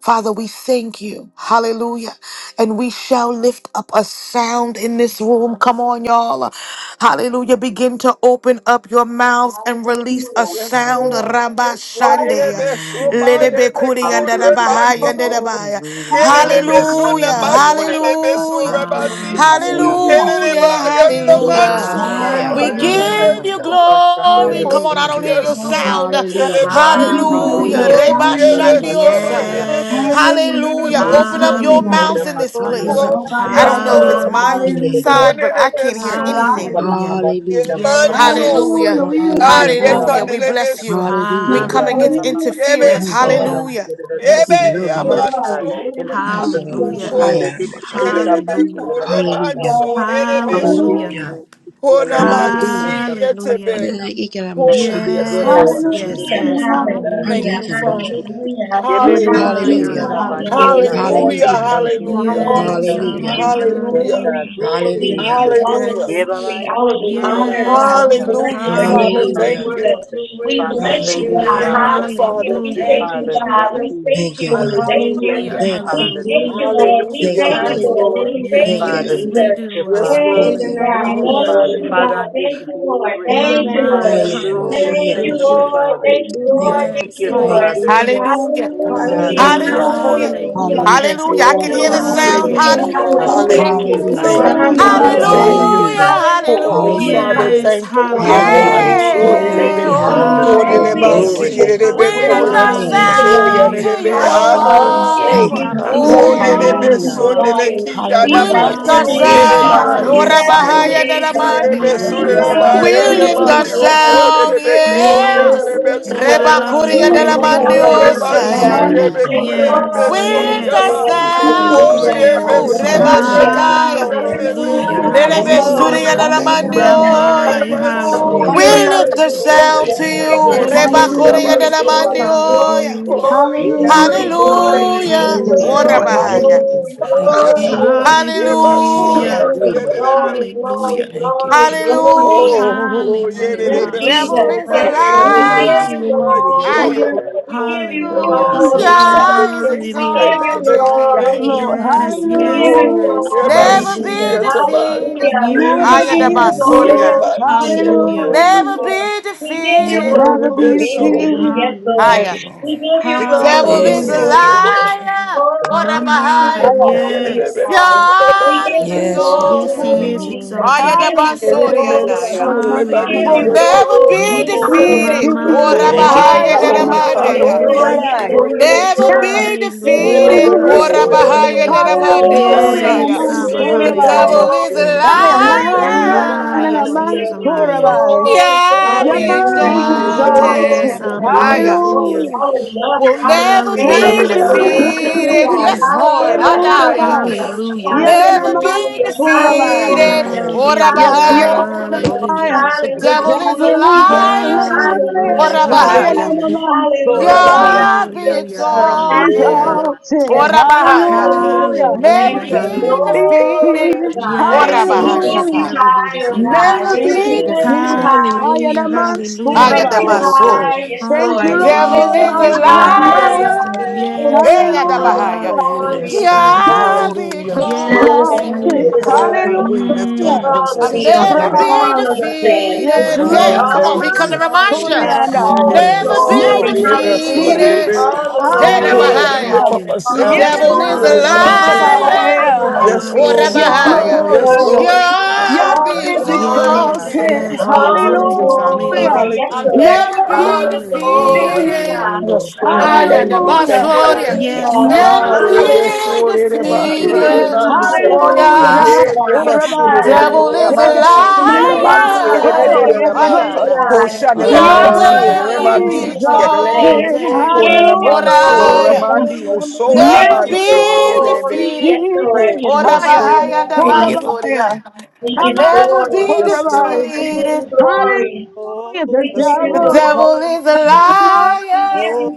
Father, we thank you. Hallelujah. And we shall lift up a sound in this room. Come on, y'all. Hallelujah. Begin to open up your mouths and release a
Hallelujah.
Yes,
sound.
Hallelujah.
Lord.
Rabba
Yes, Lord.
Shande.
Hallelujah.
Erebeso
There's
my
Hallelujah.
Bekuri yanda da
Hallelujah.
baha,
no
yanda da
Erebesumayebekuremansum.
one,
baha.
Hallelujah.
Hallelujah.
Hallelujah,
Hallelujah.
Hallelujah.
Thank you.
hallelujah,
Bless the
Kenelebesunamakurenebesurabasi.
name.
Hallelujah.
Hallelujah.
Hallelujah.
hallelujah,
Hallelujah. He got a
hallelujah.
the
Messiah.
My
We
Hallelujah.
give
hallelujah.
you
Hallelujah.
the
Kenelebayalamansurabayerebesu.
first time there
glory.
that are
Come
Yes,
on,
with
Oh,
I
we
don't
Hallelujah.
hear
do,
us.
your
yes,
Abba.
Glory.
Lord.
sound.
Thank
Yes,
you for the
Hallelujah.
We
Elebay.
final
give you
help
Hallelujah.
glory.
that we
Hallelujah.
Oh,
Hallelujah.
Reba
can have the
Hallelujah.
first time
Hallelujah. He
that
got
we
a
have
shandiosaya.
Messiah.
Yes.
Hallelujah.
Hallelujah.
We
made.
Hallelujah.
bless the
Open
Thank
up
you
your
name,
for
yebesuamakikenelebesunenebasurebe.
God.
mouths
the
in
Hallelujah.
first
this
time that I
There's
place.
Hallelujah.
Oh,
have the
nobody
I
first
yes,
don't
like
time
know if
that
you.
it's
I
Lord.
my
have
Hallelujah.
made
Hallelujah.
Yeah.
side, but I
the
can't hear
We
Kunenebesu.
you you you you
honor
anything.
for the
you.
Hallelujah.
first time
Hallelujah.
that I have
Yemansu.
Yes.
made
Hallelujah.
Hallelujah.
We lift you
Hallelujah.
the
Hallelujah.
high.
Hallelujah.
We
first
bless
time.
you.
Ariekanelebesu.
Yes,
We
Yes,
Hallelujah.
come
God.
Lord, We
against
Oh,
Hallelujah.
lift
yebe
interference.
you
Yes,
Thank
we
you,
so.
God.
high.
do.
Hallelujah.
Yes,
We
we
Yebe
love
do.
I'm
you.
Glory.
yamanso.
Yes,
In the name
Yes,
of
Lord,
Jesus,
Hallelujah.
yes,
Glory.
that
Oh,
Hallelujah.
is the
We
Kura
lift
Rabasha,
yerebe
you
Hallelujah.
kure
high.
Hallelujah.
Rabasha,
manso.
Yahweh.
Yerebe
Ola
so.
Hallelujah.
Hallelujah.
Hallelujah.
Rabasha,
Oh,
We
Yala
Hallelujah.
namansi
Rabokosha,
Hallelujah.
yetebe.
Rabasha.
Hallelujah. Hallelujah.
Thank
Oh,
you,
yes,
dear
Lord.
Yes,
Pastor, dear
yes,
Hallelujah,
Hallelujah,
yes.
Rabokosha.
Hallelujah.
Thank
hallelujah,
you,
hallelujah.
Thank
Father.
you,
Hallelujah.
Hallelujah.
Jesus.
hallelujah,
We
Oh
Yebebe,
Thank
lift
you,
my,
Hallelujah.
you
Jesus.
Kura
hallelujah,
Abba.
high,
God. We give
Yahweh.
Glory
you
We
Hallelujah.
to
Rabanashaya.
God.
thank
Hallelujah.
glory,
you.
we
Thank
give
you,
you
Hallelujah.
glory,
Jesus.
Yes,
Hallelujah.
Thank
we
you,
Hallelujah.
Abba.
give
Hallelujah.
you
Jesus. Yes,
Hallelujah.
glory,
God.
Hallelujah.
Thank you,
we
Glory to
give
Hallelujah.
you
God.
Jesus.
all the
Hallelujah.
Glory to
Yes.
God.
Yebaba,
glory, all of the
Kura
honor,
Yes,
Hallelujah.
God. We
Rabasha.
Abba.
bless
Hallelujah,
your
Father.
Oh,
name,
your
Hallelujah.
Thank
word,
you.
Jesus.
your
We
worthy
Father.
God,
bless you,
Thank
You're
God.
you,
Hallelujah.
Thank
worthy
Father.
you,
God.
Hallelujah.
Thank
Father.
We
you,
Hallelujah.
thank
Thank you,
you,
Father.
God.
Thank
We
Jesus.
you.
thank
Thank
you,
you,
we
God.
thank you.
Hallelujah.
Thank you,
Hallelujah.
Hallelujah.
Thank you.
We
Father.
thank
Hallelujah.
you,
Hallelujah.
Thank
Lord.
you,
We
Thank
Hallelujah.
you,
thank you,
Father.
God.
Yes,
Hallelujah.
Lord.
Lord.
Thank
We
you,
thank
Thank
you,
you,
Father.
Yes,
God.
Hallelujah.
we
Jesus.
Thank you,
do,
Yes,
Abba.
Father.
Thank
In
Lord.
Thank
the
you,
you.
Thank
God.
you,
name
Hallelujah.
of
Father.
Thank you,
Hallelujah.
Jesus.
Father, I
God.
Hallelujah.
give you
Thank you, Lord.
glory.
In the
My,
Thank you,
name
my.
of
Lord.
Jesus.
Hallelujah.
Thank
Hallelujah.
Yes,
you,
Thank
Hallelujah.
you,
Hallelujah.
Lord.
Lord.
Father.
Thank you,
Thank
Hallelujah.
Lord.
you.
Thank
Thank
Yes,
you,
you,
Thank
Lord.
you.
yes,
Father.
Hallelujah.
yes.
Hallelujah.
Oh God,
Hallelujah.
I
Hallelujah.
Hallelujah.
Hallelujah,
Hallelujah.
thank you.
Hallelujah.
hallelujah.
I
Hallelujah.
Thank
Hallelujah.
Hallelujah.
you,
I
Oh,
can
oh
hear
thank
the
kind
glory to the
sound.
Savior.
you.
Hallelujah.
Hallelujah. Hallelujah.
Hallelujah.
name,
I
God.
thank
Hallelujah.
Hallelujah.
you. I
Hallelujah.
Hallelujah.
Hallelujah.
Thank
thank
you,
you,
Hallelujah,
kind
Father.
Hallelujah
I
to
Hallelujah.
you.
hallelujah.
thank
Savior.
you.
God.
Hallelujah.
Hallelujah.
Hallelujah. Hallelujah.
Thank
I
you,
Oh,
thank you,
Jesus.
Hallelujah.
Hallelujah.
Father,
Father.
Yes,
thank you. Yeah,
Thank
hallelujah.
you,
Hallelujah.
I'm
Jesus.
sorry,
Hallelujah,
Thank
Yeah.
baby.
you,
Haya
Hallelujah.
la
Father.
Thank
Kodele
hallelujah.
you,
Oh.
Hallelujah.
hika la
Hallelujah.
Thank
God.
you,
basi
Glory
Jesus.
to
Jesus.
your
We
yerebe
Oh
name.
lift
Hallelujah.
Lord,
kore
our
we
Haya la
Hallelujah.
manso
God.
sound
Hallelujah.
to
Hallelujah.
you,
yerebe
oh
glorify
Mm,
you.
Hallelujah,
Oh,
Thank
amanso
Thank
Thank
you,
Abba.
you,
you.
Hallelujah.
Jesus,
mama,
we
Father.
mama.
We
bless
Jesus.
Thank
your
you.
kodele
Hallelujah.
exalt
Oh.
name, we
you,
Hallelujah.
bless
Hallelujah.
besundele
Father.
you. We
kijana
We
Hallelujah.
bless
lift
your
our
Yeah.
manso
Thank you,
Oh,
name,
We
Hallelujah.
rabba,
Father.
Jesus,
sound.
mama,
honor
nerebe
Thank
we
Oh,
you,
you.
Yes,
Hallelujah.
bless
mama.
your
Father.
Lord.
Glory.
Rabahaya
oh
We
name,
thank you.
God.
yerebe
Yes.
Dalamandi.
We
Oh,
sundele
Yes,
Hallelujah.
rabba,
ba
Abba.
mama,
bless
We
your
yerebe
We
lift
name,
our
mama.
bandi
Hallelujah.
exalt
Jesus.
oso
you.
sound.
nerebe
Yes,
ko
Lord,
Yeah.
Yes.
yerebe
yes,
Yes.
Lord,
sundele
Reba
yes, Lord,
Kuria
We
Thank you,
Dalamandi.
exalt
Father.
Hallelujah.
Oye,
Yes.
yes, Lord,
you.
yes,
My
Lord
Hallelujah.
of
mom's
Mansuye,
Jesus,
Lord.
Oh,
me
Hallelujah.
Yes,
full
cure
of
de
our
Yes,
In
We
the
hands.
Lord,
beso,
name
yes,
lift
of
yes.
yaba.
Lord.
Jesus,
Jesus.
We
Thank
lift
Lord
you,
you
of
ourselves to
Jesus,
high,
Son
Oye,
Lord
Father.
you,
of
We
beso,
Yeah.
Jesus,
Reba
thank you.
Lord of
reba,
Jesus.
Shataya.
Lord.
de me,
Father,
Blood
Hallelujah,
of
yaba,
Lelebe
Thank
Hallelujah, hallelujah,
you,
this is
Jesus.
de
hallelujah.
Lord.
me.
Suriya
Thank
hallelujah.
you, Son of
Hallelujah,
backlash,
My,
Hallelujah.
Pone
all
my,
Naramandioya.
de
hallelujah.
satanic
manso,
We
Thank
hallelujah.
retaliation,
Hallelujah,
you.
yaba,
Hallelujah.
lift
Yes,
There's
the
thank you,
no
all
soye,
sound to
hallelujah.
Son
satanic
quiere
of
de
one.
you,
Yes,
reversal.
we
Glory,
Reba
beso,
Yes,
do.
thank
Korea
Hallelujah,
yaba,
glory,
you,
so.
Oh,
Son of
rabba,
glory,
mama.
Naramandioya.
glory,
This
Hallelujah,
glory,
is
In
Hallelujah.
the
Hallelujah.
glory,
name
The
of the
Lord.
Oh,
Lord
yes,
glory,
Hallelujah.
Jesus.
Lord,
Yes,
blood
Hallelujah.
hallelujah,
of
yes,
Lord.
Jesus.
glory,
Lord.
Orabahaya.
This
Hallelujah.
hallelujah.
glory,
Thank you,
Yes,
glory,
Lord.
Hallelujah.
glory.
Lord,
Thank you,
yaba,
Oh,
Son of-
so,
Hallelujah,
Hallelujah.
glory,
Hallelujah.
quiere de
glory,
me.
hallelujah,
glory,
Thank you,
glory,
Jesus. Thank you,
glory.
Hallelujah.
Son of
Oh,
hallelujah,
quiere de
Yes,
The
Hallelujah.
devil
Thank you,
Jesus.
beso,
is a
Yes,
maya, de
Lord. We
Hallelujah.
give
liar.
you
beso, maya,
hallelujah,
Nidibushandama.
quiere
glory.
de
Liar.
Hallelujah.
thank
me.
We
you,
give you
We
hallelujah,
Hallelujah.
Hallelujah.
hallelujah,
Oh,
thank you.
glory.
Father,
thank
Yah
you.
is
thank
We
you, thank
hallelujah.
give
you,
you
thank you,
Yes,
exalted.
thank
Nidibushandama.
glory.
Lord.
you.
Yes,
We
yes,
give you
Hallelujah.
Oh,
Hallelujah.
yes,
yeah, I
glory,
Never
Yes,
see
Hallelujah.
be
hallelujah.
Jesus.
Lord.
it, man.
defeated.
Hallelujah.
Oh,
We
Never
yes,
Haya
Yes,
is this is
da
be
God.
give you
Hallelujah.
yes,
Yeah,
Thank
defeated.
the
basoria.
you.
glory,
man,
Jesus.
so.
hallelujah.
Hallelujah.
Hallelujah.
never
Hallelujah.
be
We give you
defeated.
Oh, the
Never
Never be
be
glory,
best,
Oh,
O
yes,
defeated.
so.
God.
God.
defeated.
Yes, Lord.
Thank
Hallelujah.
Higher.
you, Lord.
We give you
The
Oh, man,
devil is
glory,
a
so,
Hallelujah.
the
O God.
best.
Nidibushandama.
liar.
God.
What
Oh,
This
up,
we give you
Mama,
higher?
is
Higher.
God.
Yeah,
glory,
the
O
yes.
best, so,
God.
the
I can
We
put
God
man,
is
give
my
you
Yes,
hand on
Lord.
Yes,
the
he
glory,
exalted.
is
Exalt.
Jesus. We
Higher
exalted.
Hallelujah.
the
give
Higher.
you
Yeah, the
basuri and
man,
Oh,
glory.
higher.
rabba,
Lord.
so, the
mama,
We
I
best.
mama,
give
will
Will
you
Hallelujah.
honor
Yeah,
mama,
the
my
mama.
never
hand
best.
be
glory,
Never
down.
Oh,
yes,
be
glory,
Lord.
defeated.
glory, glory.
What
Mama,
Yes,
defeated.
up,
Oh,
Thank you,
never
the
be
Lord,
higher
Higher.
Jesus.
than a
yes,
Nama.
heart
Oh,
defeated.
of
Lord, yes,
Father,
Monday?
Oh,
we
yeah,
Lord,
Hallelujah.
thank
yes,
you,
yeah.
Will
we
Lord,
the
yes,
thank
never
you.
Lord.
Lord.
Never
be
Yes,
Blood
Yes,
of
be
God,
Hallelujah.
Oh,
Jesus.
defeated.
Lord,
What
yes,
yes,
up,
defeated.
Hallelujah.
Lord,
Lord.
higher
yes,
than a
Sandabahaya.
Lord, yes,
Monday,
Ah,
Lord.
Hallelujah.
yeah,
Yes,
the
Osiah?
Nama.
We
best,
Saba,
give
The
Hallelujah.
you
so.
Surabaya.
hallelujah.
devil is
yes,
Blood
a
glory,
of
God,
Higher.
Jesus.
Jesus.
Oh,
Nama.
yes,
Hallelujah.
My,
Nama.
yes,
We
Nama.
liar.
give
he is a
you
God.
blood
lion.
of
Surabaya.
Yeah,
glory,
Jesus. Oh,
Yah
be
Lord.
Hallelujah.
We
is
give
Thank
you
you,
My,
Jesus.
exalted.
glory,
yes,
exalted.
blood of
Lord.
Abba,
All
Hallelujah.
Thank
Higher.
the
Jesus.
you,
Oh,
glory,
hallelujah.
Hallelujah.
all
Jesus.
of the honor,
will
all of the
never
Thank
praise
be
Never be
blood
Hallelujah.
of
you,
belongs
Jesus.
to
Jesus. Oh,
you,
my
defeated.
God.
defeated.
Yes,
family.
Lord.
Hallelujah,
Hallelujah.
Hadaya.
Rabbi.
hallelujah,
Blood of Jesus.
Hallelujah.
Blood
Never
of
Yadanaman
be
hallelujah,
Thank you, Jesus. Thank you,
Hurabai.
defeated.
hallelujah,
Jesus.
Oh,
Ora
Yes,
Hallelujah,
Jesus.
bahaya.
Lord,
Lord,
hallelujah,
Blood of
I
hallelujah,
Jesus
The
over
the
devil
faith.
thank
is
Town.
a
hallelujah,
devil is
Jesus.
Blood of
liar.
Jesus over
a liar.
hallelujah,
you,
Ora
Maxine. Town.
Hallelujah,
believe
bahaya.
God.
hallelujah,
me.
Hayanaman
Blood of
Sorabai.
Jesus
Hallelujah.
over
God be
Yes,
hallelujah,
trust.
Lord.
Oh, God,
hallelujah,
Oh,
exalted.
Exalted.
Hallelujah.
No,
Ora
but trust
bahaya.
you
in
did it.
Jesus
Hallelujah.
and
Hallelujah.
Brother Reed. blood of
Never
hallelujah,
Thank you,
be
thank
Jesus.
God.
Be
you,
hallelujah.
Glory
defeated.
to
defeated.
God.
Thank
Ora
Yes,
Jesus.
you,
We
Jesus.
lift
Hallelujah.
yes,
you
Orabahashaka.
never be
high,
Blood of
defeated.
oh God.
Never
Never
thank you.
Jesus
Thank
be
over
be
you,
We
my
God.
lift
next
you
defeated.
defeated.
high,
contract. In
Hallelujah,
Jesus.
Hayanaman
Jesus'
We
name.
hallelujah,
lift
Come
you
Sorabai.
Oh, oh,
forth in
Ayadabaso.
oh.
high, yes,
Jesus'
Thank
The
you,
Lord.
name.
hallelujah,
We
devil is
lift
Lord.
a
you
In
hallelujah.
the
high, oh
name
Like
of
liar.
the
God.
Lord
you,
Hallelujah.
Yes,
Hey,
Jesus.
Oh, we
Abba,
one
give you
like
Yadabahaya.
Hallelujah.
Blood of
hallelujah.
glory,
Yes,
oh
Jesus
Lord.
over
God.
Yeah,
all,
be
personal
Thou
Hallelujah.
hands.
Yes, He
exalted.
Hallelujah,
exalted.
the
is.
Ah,
glory.
we lift our
Hallelujah.
Mm,
All
I'll
voices
of
Jesus
up
the
to
over the
honor,
never
you.
business.
be
all
Rabbi.
of the praise,
Oh,
yes,
Yes,
my,
defeated.
Lord,
Father,
Hey,
my,
Making
Lord.
come
this
on,
all
thank
he
of the
Amen.
website.
come
yes.
to
you.
remind
glory,
you.
Holy
Ah,
I,
and
yeah,
all
I.
did it
the
be
Mm,
Never
so,
Blood
be
oh,
Never
glory,
of
did
be
it be
Jesus
so,
hallelujah,
did
over
it
defeated.
this
defeated.
all
be-
day.
the
Hey,
my
glory,
Lord,
yes,
I
Oh, we
Dabahaya.
thank
lift
Hallelujah.
God,
you.
up
bless
a
The
The
Mm-hmm.
all
Yeah,
sound
no,
the
plot
to
devil
no,
you,
is a
plans
oh
and
glory,
no,
Jesus,
schemes
kind
Hallelujah.
of the
Savior.
all the
liar.
enemy. I
Rabbi.
Yes,
Oh,
glory,
cancel
Lord.
Yes,
Hallelujah.
you now
all
Rabahaya.
the
and
Yes,
Hallelujah.
Lord.
destroy
Lord.
glory,
you at
Yah
its
God
all
root in
be
the
is
Jesus'
glory,
name.
Yes.
Jesus,
exalted.
exalted.
Hallelujah.
Yes. Be
all the
Hallelujah,
exalted.
Father.
Jesus.
Hallelujah.
Hallelujah.
glory, yes,
I'll
Hallelujah.
Lord,
never
Never be
all
be
the
Thank you,
Hallelujah.
glory,
God.
defeated.
defeated.
God,
Hallelujah.
Yes,
my
Lord.
Oh, yeah, the
Thank you.
Hallelujah.
boss,
Hallelujah.
hallelujah,
Thank
oh,
you.
God,
yeah.
Thank you,
Yes,
hallelujah,
Never
Father.
Never
Ah,
Jesus.
be
yere
be
sure de
hallelujah,
ba,
Thank you, Lord.
yere
Jesus.
de
defeated.
defeated.
ba
Hallelujah.
su.
Oh,
Hallelujah.
Yes,
yeah.
Rabbi,
Hallelujah,
yeah.
Yere
Lord.
oh,
God.
yere
In the
sure
The
name
Rabbi.
of
de
Hallelujah.
de,
devil
Jesus.
is
Yeah,
a
yaman su
yeah,
Hallelujah,
kune
yeah,
le
Jesus.
Rabbi.
ban se, yere le
Oh,
be
liar.
le le
yes,
Oh,
ba.
yeah,
Hallelujah,
no.
Hallelujah.
Lord.
God.
Kosha le man
Yah
Oh,
sur,
Hallelujah.
God,
re
we
Yahweh
man
give
be
you
be
si ki
glory
yere le
today.
exalted.
be.
exalted.
We
Kone
Hallelujah.
le
give
Oh,
you
man sur,
yeah.
re
yeah.
Glory.
man
Hallelujah.
glory.
di o
We
so, a
give
Never
Never
man
you
si
did,
ki
Hallelujah.
be
yere le be.
glory. Yes,
defeated.
Lord.
Oh,
did
Oh,
We
yeah,
yes,
higher.
give you
Lord.
Bahaya,
Yes,
the
Thank
boss,
you,
glory.
yes.
oh,
Lord.
Horabaya.
yeah.
We
I'll
give
Hallelujah.
you
Namas
never
Hallelujah.
glory.
be
Yes, Lord.
Horabai.
We give
defeated.
you glory.
Hallelujah. The
We
Yes,
give you
The
Lord.
devil
devil
glory,
is a
Thank
Jesus.
you, Jesus.
We give
liar.
you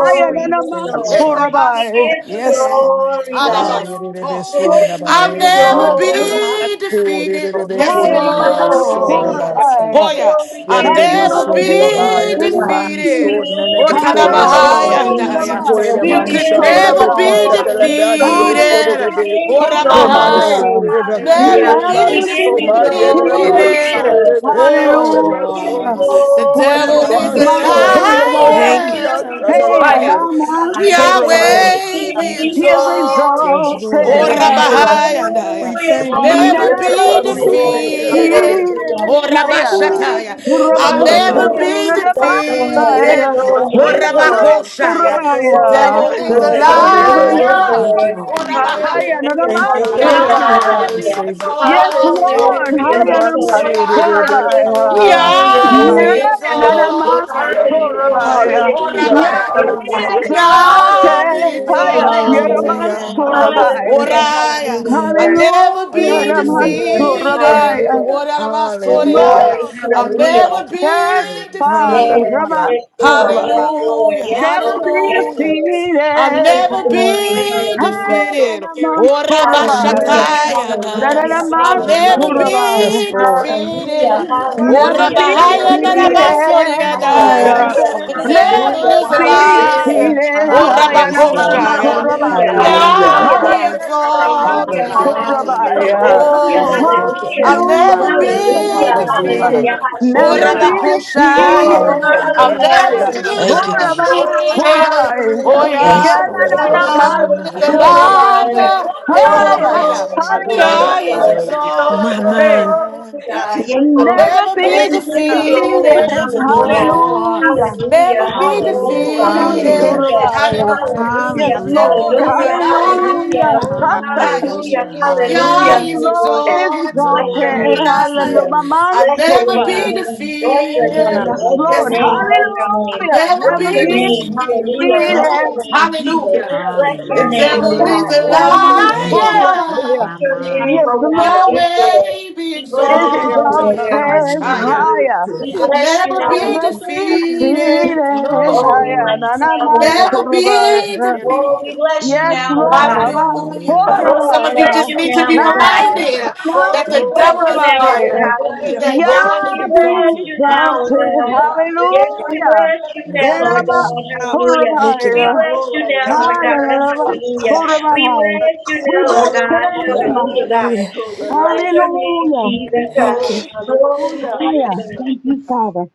Yes,
than
Lord.
a
yes,
Thank
man's
you,
Lord.
Father.
We
Horabai.
Hedabaso,
give you
Yes, Lord.
Amen.
glory,
Ah,
God.
adabaso.
yere de be su
Hallelujah.
ne
Oh,
le
we
ba,
Oh,
I'll
give
yere
you
God, oh, God,
de
never
man
Yes,
Father,
su.
glory.
Lord.
I
be
Oh, yere
defeated.
We
be
Yes,
give
give
kune
Higher
it
le
you
than a
Thank
to
you,
man
you.
man's
sur,
Thank
Jesus.
re
Lord.
glory.
man
you, God.
si.
Horabai.
Boya,
Oh, we
I'll
I
give
Yerebe
you
never
never
sundele
did.
Hallelujah.
ba,
glory.
be
yerebe
Father,
ban
We
so
defeated.
nene
Oh,
give
be
you
Hallelujah,
kurve
Yes, Lord.
basu.
talabahaya,
He goes
glory.
under
Otalabahaya.
my
Korere
We
the
You
fire.
could
mansha
answer,
give you
yerebe
never be
Rabbi.
kusya
Father,
glory,
dele
yes,
Father,
bani
Lord.
Yes,
yosho
Thank
Lord.
defeated.
Ayaraba,
We
yerebe.
give you
Koman
glory,
Orabahaya
so
Korabaya.
yerebe kire
never
hallelujah.
yerebe
Never be
ban
We
be
give
so
you
ba
defeated.
you, for your
yerebe
oh, God,
glory,
love,
ban so
defeated.
Father.
Jesus.
yerebe yerebe
Oh, we
ban
give you
so.
Hallelujah.
Oh,
your
the
glory,
devil
Kunine
Father,
Lord.
is
man
Yes,
a
Yanaman
Lord.
so
we exhort
yerebe
you,
Oh,
Thank
kire
Korabai.
you.
feel
Yahweh.
the
liar.
Hey,
yerebe ba.
Hiya.
glory,
Yahweh,
Anaman
God. Yes,
Yes,
Lord.
Korabai.
Lord.
Yahweh
Feel
Father,
be
Thank you,
the
He is
Jesus.
exalted.
Yes,
glory, yes,
Goes
Lord,
under
exalted
we
Oh,
Lord.
my
thank
fire.
you.
higher.
Amen.
Rabahaya,
We
Hallelujah,
you
thank
are my
you,
never
dear
Jesus.
Never
be
glory,
Hallelujah,
be
Tabaso,
my
hallelujah,
defeated.
hallelujah.
defeated
Oh,
higher.
Oh, we
Father.
give
oh,
Rabashataya,
you
My
glory,
I'll
Korabai,
yes,
Honor the
never
God,
is
Lord.
man,
be
life,
Yes, Lord. Yes,
defeated.
Korabai.
Thank
Lord.
abundantly,
so
Oh,
you,
Yes,
Father.
Lord.
Manaman
Father,
Yes,
Rabakoshaya,
Jesus.
the
Korabaya.
Yes,
Lord.
devil
Yes,
The
is
Oh,
Lord. Yes,
devil
Father,
is a
Lord.
you
thank
are
Yes,
you.
my
a
Thank you,
Lord.
Lord.
lion.
Hallelujah.
Higher,
liar.
thing,
Hallelujah.
Thank you,
Father,
thank
Hallelujah.
you,
Hallelujah.
Anaman
Yah
kind
be
Hallelujah.
never
Savior.
leaving,
Yes,
exalted.
Oh,
Lord.
Oh,
Hallelujah.
Father.
Yes,
Hallelujah.
Lord.
yeah.
Yamansurebe.
Father.
Hallelujah.
Hayanamatsorabaya.
Hallelujah,
Dear
Hallelujah.
Yah
Father,
Lord,
be
Oh,
Yes, Lord.
look for me.
hallelujah.
exalted.
Hallelujah.
Nayanamatsorabaya.
Hallelujah,
Oh,
Jesus.
Hallelujah.
Dear
Yah
Yes,
oh,
Rabbi.
be
Hallelujah.
God.
Hallelujah.
Yah be
exalted.
Father,
Hallelujah.
yeah.
Hallelujah,
Haya-
Thank you,
Jesus.
Hallelujah.
My
Father,
exalted.
for my
Lord.
Oh,
Yanamatsorabaya.
Hallelujah.
Hallelujah.
yeah.
Hallelujah,
children,
I
Lord.
never
Hallelujah.
Father.
be
Oh,
Hallelujah.
Lord.
Father,
defeated.
Ramansorabaya.
Hallelujah.
Oh, Rabbi. So,
Oh,
Hallelujah.
yeah.
glory.
Lord,
I'll
Hallelujah.
never be
yes,
Hallelujah.
Father.
hallelujah,
defeated.
Yes,
Father,
Hallelujah.
yes, Lord,
Ramansorabaya.
yes,
Father.
Lord,
Hallelujah,
yes,
Father,
Never
Lord,
be
yes,
hallelujah.
Lord. We
I'll
defeated.
give you
never
glory,
Thank you,
be
Father,
hallelujah.
for your
defeated.
spirit,
Oh,
Hayanamatsorabaya.
Hallelujah,
Goodness,
Rabashataya,
Father.
your eyes
hallelujah,
have
Thank
been
I'll
you,
so
never
Father,
Hallelujah.
hallelujah,
for being
Dananamatsorabaya.
the
Yes,
be
Lord.
hallelujah, hallelujah,
defeated.
Father,
blessed
Oh,
Never
to
hallelujah,
be
pray it
Earth,
Rabahaya,
defeated.
Father.
hallelujah,
Narabasoria,
Yes,
Father,
yes,
hallelujah,
for
The
being
yes.
the one
devil
to
Never
hallelujah,
is
hallelujah,
a
watch
be
away,
hallelujah, hallelujah.
liar.
my Father.
Oh,
defeated.
Let
I
me
Hallelujah.
am a
Yes,
Hallelujah,
Lord.
man
Hallelujah.
for
Rabakoshaya.
be all
hallelujah,
Surabaya.
right, Father.
Hallelujah.
My
hallelujah,
Yah,
I
For
mind.
am a
you are
man
my
be
Father. For
for
Hallelujah.
exalted.
the
hallelujah,
Hallelujah.
joy
Surabaya.
of the
Oh,
Hallelujah.
I'll never
Father.
Hallelujah.
Hallelujah.
You
be
hallelujah,
are
Hallelujah.
Hallelujah.
defeated.
Father,
hallelujah,
Oh,
hallelujah,
Yes,
Never
Father.
be
God.
And
Oh,
Rabakoshaya.
forever,
defeated.
I'll
Hallelujah.
forever,
yes,
never
hallelujah,
yes,
be
God.
Thank you,
Father.
yes,
Jesus.
Surabaya,
I
Oh,
shall
defeated.
Surabaya.
Oh,
hallelujah.
Yes,
forever,
yeah.
forever worship, you,
Lord. You
Oh,
The
go
Yanana
send
man
devil
them
is
for
behind
a
for
there's
you.
Hallelujah.
hallelujah,
yes.
no one
Jesus.
liar.
greater than you.
Thank
Hey,
you,
Surabaya.
Hallelujah.
hiya.
Glory to
Jesus.
Hallelujah,
God.
Hallelujah.
Hallelujah.
Yes,
Yeah, is
Father.
Lord.
Hallelujah.
My
There's no one Greater than
mind.
you,
Glory
exalted.
to
Thank
God.
you.
Yahweh.
Yes, Lord.
Never been
Oh, we give you
Thank you,
defeated.
glory.
Never be
Father.
Hallelujah.
defeated.
Hallelujah.
Hallelujah.
Hallelujah.
Hallelujah.
Come
Thank
on,
you, Lord.
Hallelujah.
Hallelujah.
Surabaya.
Hallelujah.
I
Yes,
Hallelujah.
Lord.
thank God,
Hallelujah.
Hallelujah.
Hallelujah.
Ha.
Father.
in.
Thank you,
Hallelujah.
Hallelujah,
Jesus.
Power,
Hallelujah.
Yes,
hallelujah,
Lord
Hallelujah.
is
My
Bless your
exalted.
thank
mind,
name,
yes, he
Hallelujah.
Jesus.
you,
My
is.
man,
Bless your name,
Surabaya.
God.
Lord.
Thank you,
Bless your
Father.
name.
Never
Yes,
be
Bless your
Lord.
name.
defeated.
Yes,
Bless your
Father.
name.
Hallelujah.
Bless
Never
your
defeated.
name.
Hallelujah.
Ways that
Hallelujah.
are no
Bless
way,
your
Father.
name, Jesus.
For
Bless your
taking
Hallelujah.
away
name,
Hallelujah.
the
oh
anxiety,
God.
Thank you, my
Bless
Hallelujah.
Father.
man,
your
Thank
name.
you,
Here,
Lord.
Father.
Surabaya.
Bless
My
your
Father,
name,
mind,
Yes,
oh God.
Lord
Yes, Lord. We
not fear to
is
bless
Hallelujah.
your name,
fear, but
oh
I love
God.
my
exalted
Lord.
higher.
We
Yes,
bless you now,
how
I'm
oh
a
God.
you
bit
are,
send them
feeling.
behind you.
Oh, we
I am
Hallelujah.
bless you
an
now,
man
Lord God.
for a
Yahweh.
buyer.
There's
Oh, we bless you
Yes,
My
now, oh
Lord,
mind,
I'm
God.
a
just
for
hallelujah.
I
Father.
Oh, we bless
am a
you now, oh God.
man
Oh, we bless
for
Oh,
a
you
and
now, oh
buyer.
God.
I,
Hallelujah, Father.
Oh,
Yah
we
Thank
be
bless you now, oh
exalted.
you,
God.
glory.
Yes,
Yes,
we
Hallelujah.
bless you
Mm,
I
now,
Yet
Lord
I'm
mm,
a
God.
mm.
bow
for
Hallelujah.
before you,
Thank you,
We
Lord.
I
Father.
bless you
I
now, Lord
pray,
God.
am a
Hallelujah.
for a
I
We
think
buyer.
of
bless you
We
now,
you, Yahweh.
Lord
bless your
God.
Holy,
name.
Hallelujah.
holy,
Hallelujah, God.
Hallelujah.
Restore
We
your
bless your name,
Hallelujah.
Jesus. God.
Thank
Father.
Oh,
you.
Oh, we
hallelujah.
bless you,
Hiya.
Restore.
Thank
God.
you,
Father.
Father.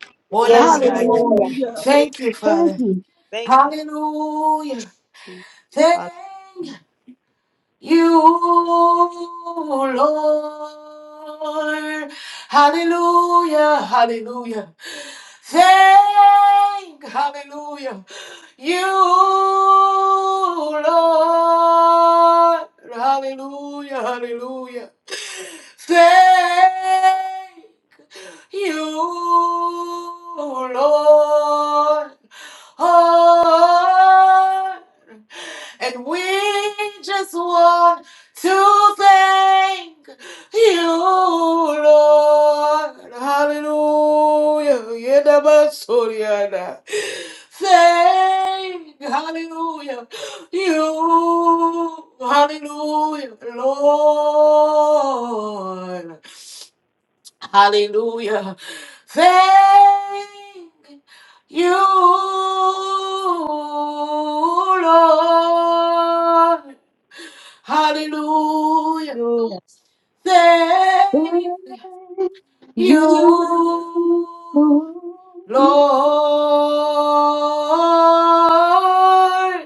Yes, Lord.
Hallelujah.
Hallelujah.
Yahweh,
Thank you.
thank you.
Hallelujah.
Hallelujah.
Thank you, Lord. Hallelujah. Hallelujah. Thank. Hallelujah. You, Lord, hallelujah, hallelujah. Thank you, Lord. Oh, and we just want to thank you, Lord. Hallelujah. Yedabasoriana. Thank, hallelujah, you, hallelujah, Lord, hallelujah. Thank you, Lord, hallelujah.
Hallelujah. Thank
Thank
You
you,
I
Lord.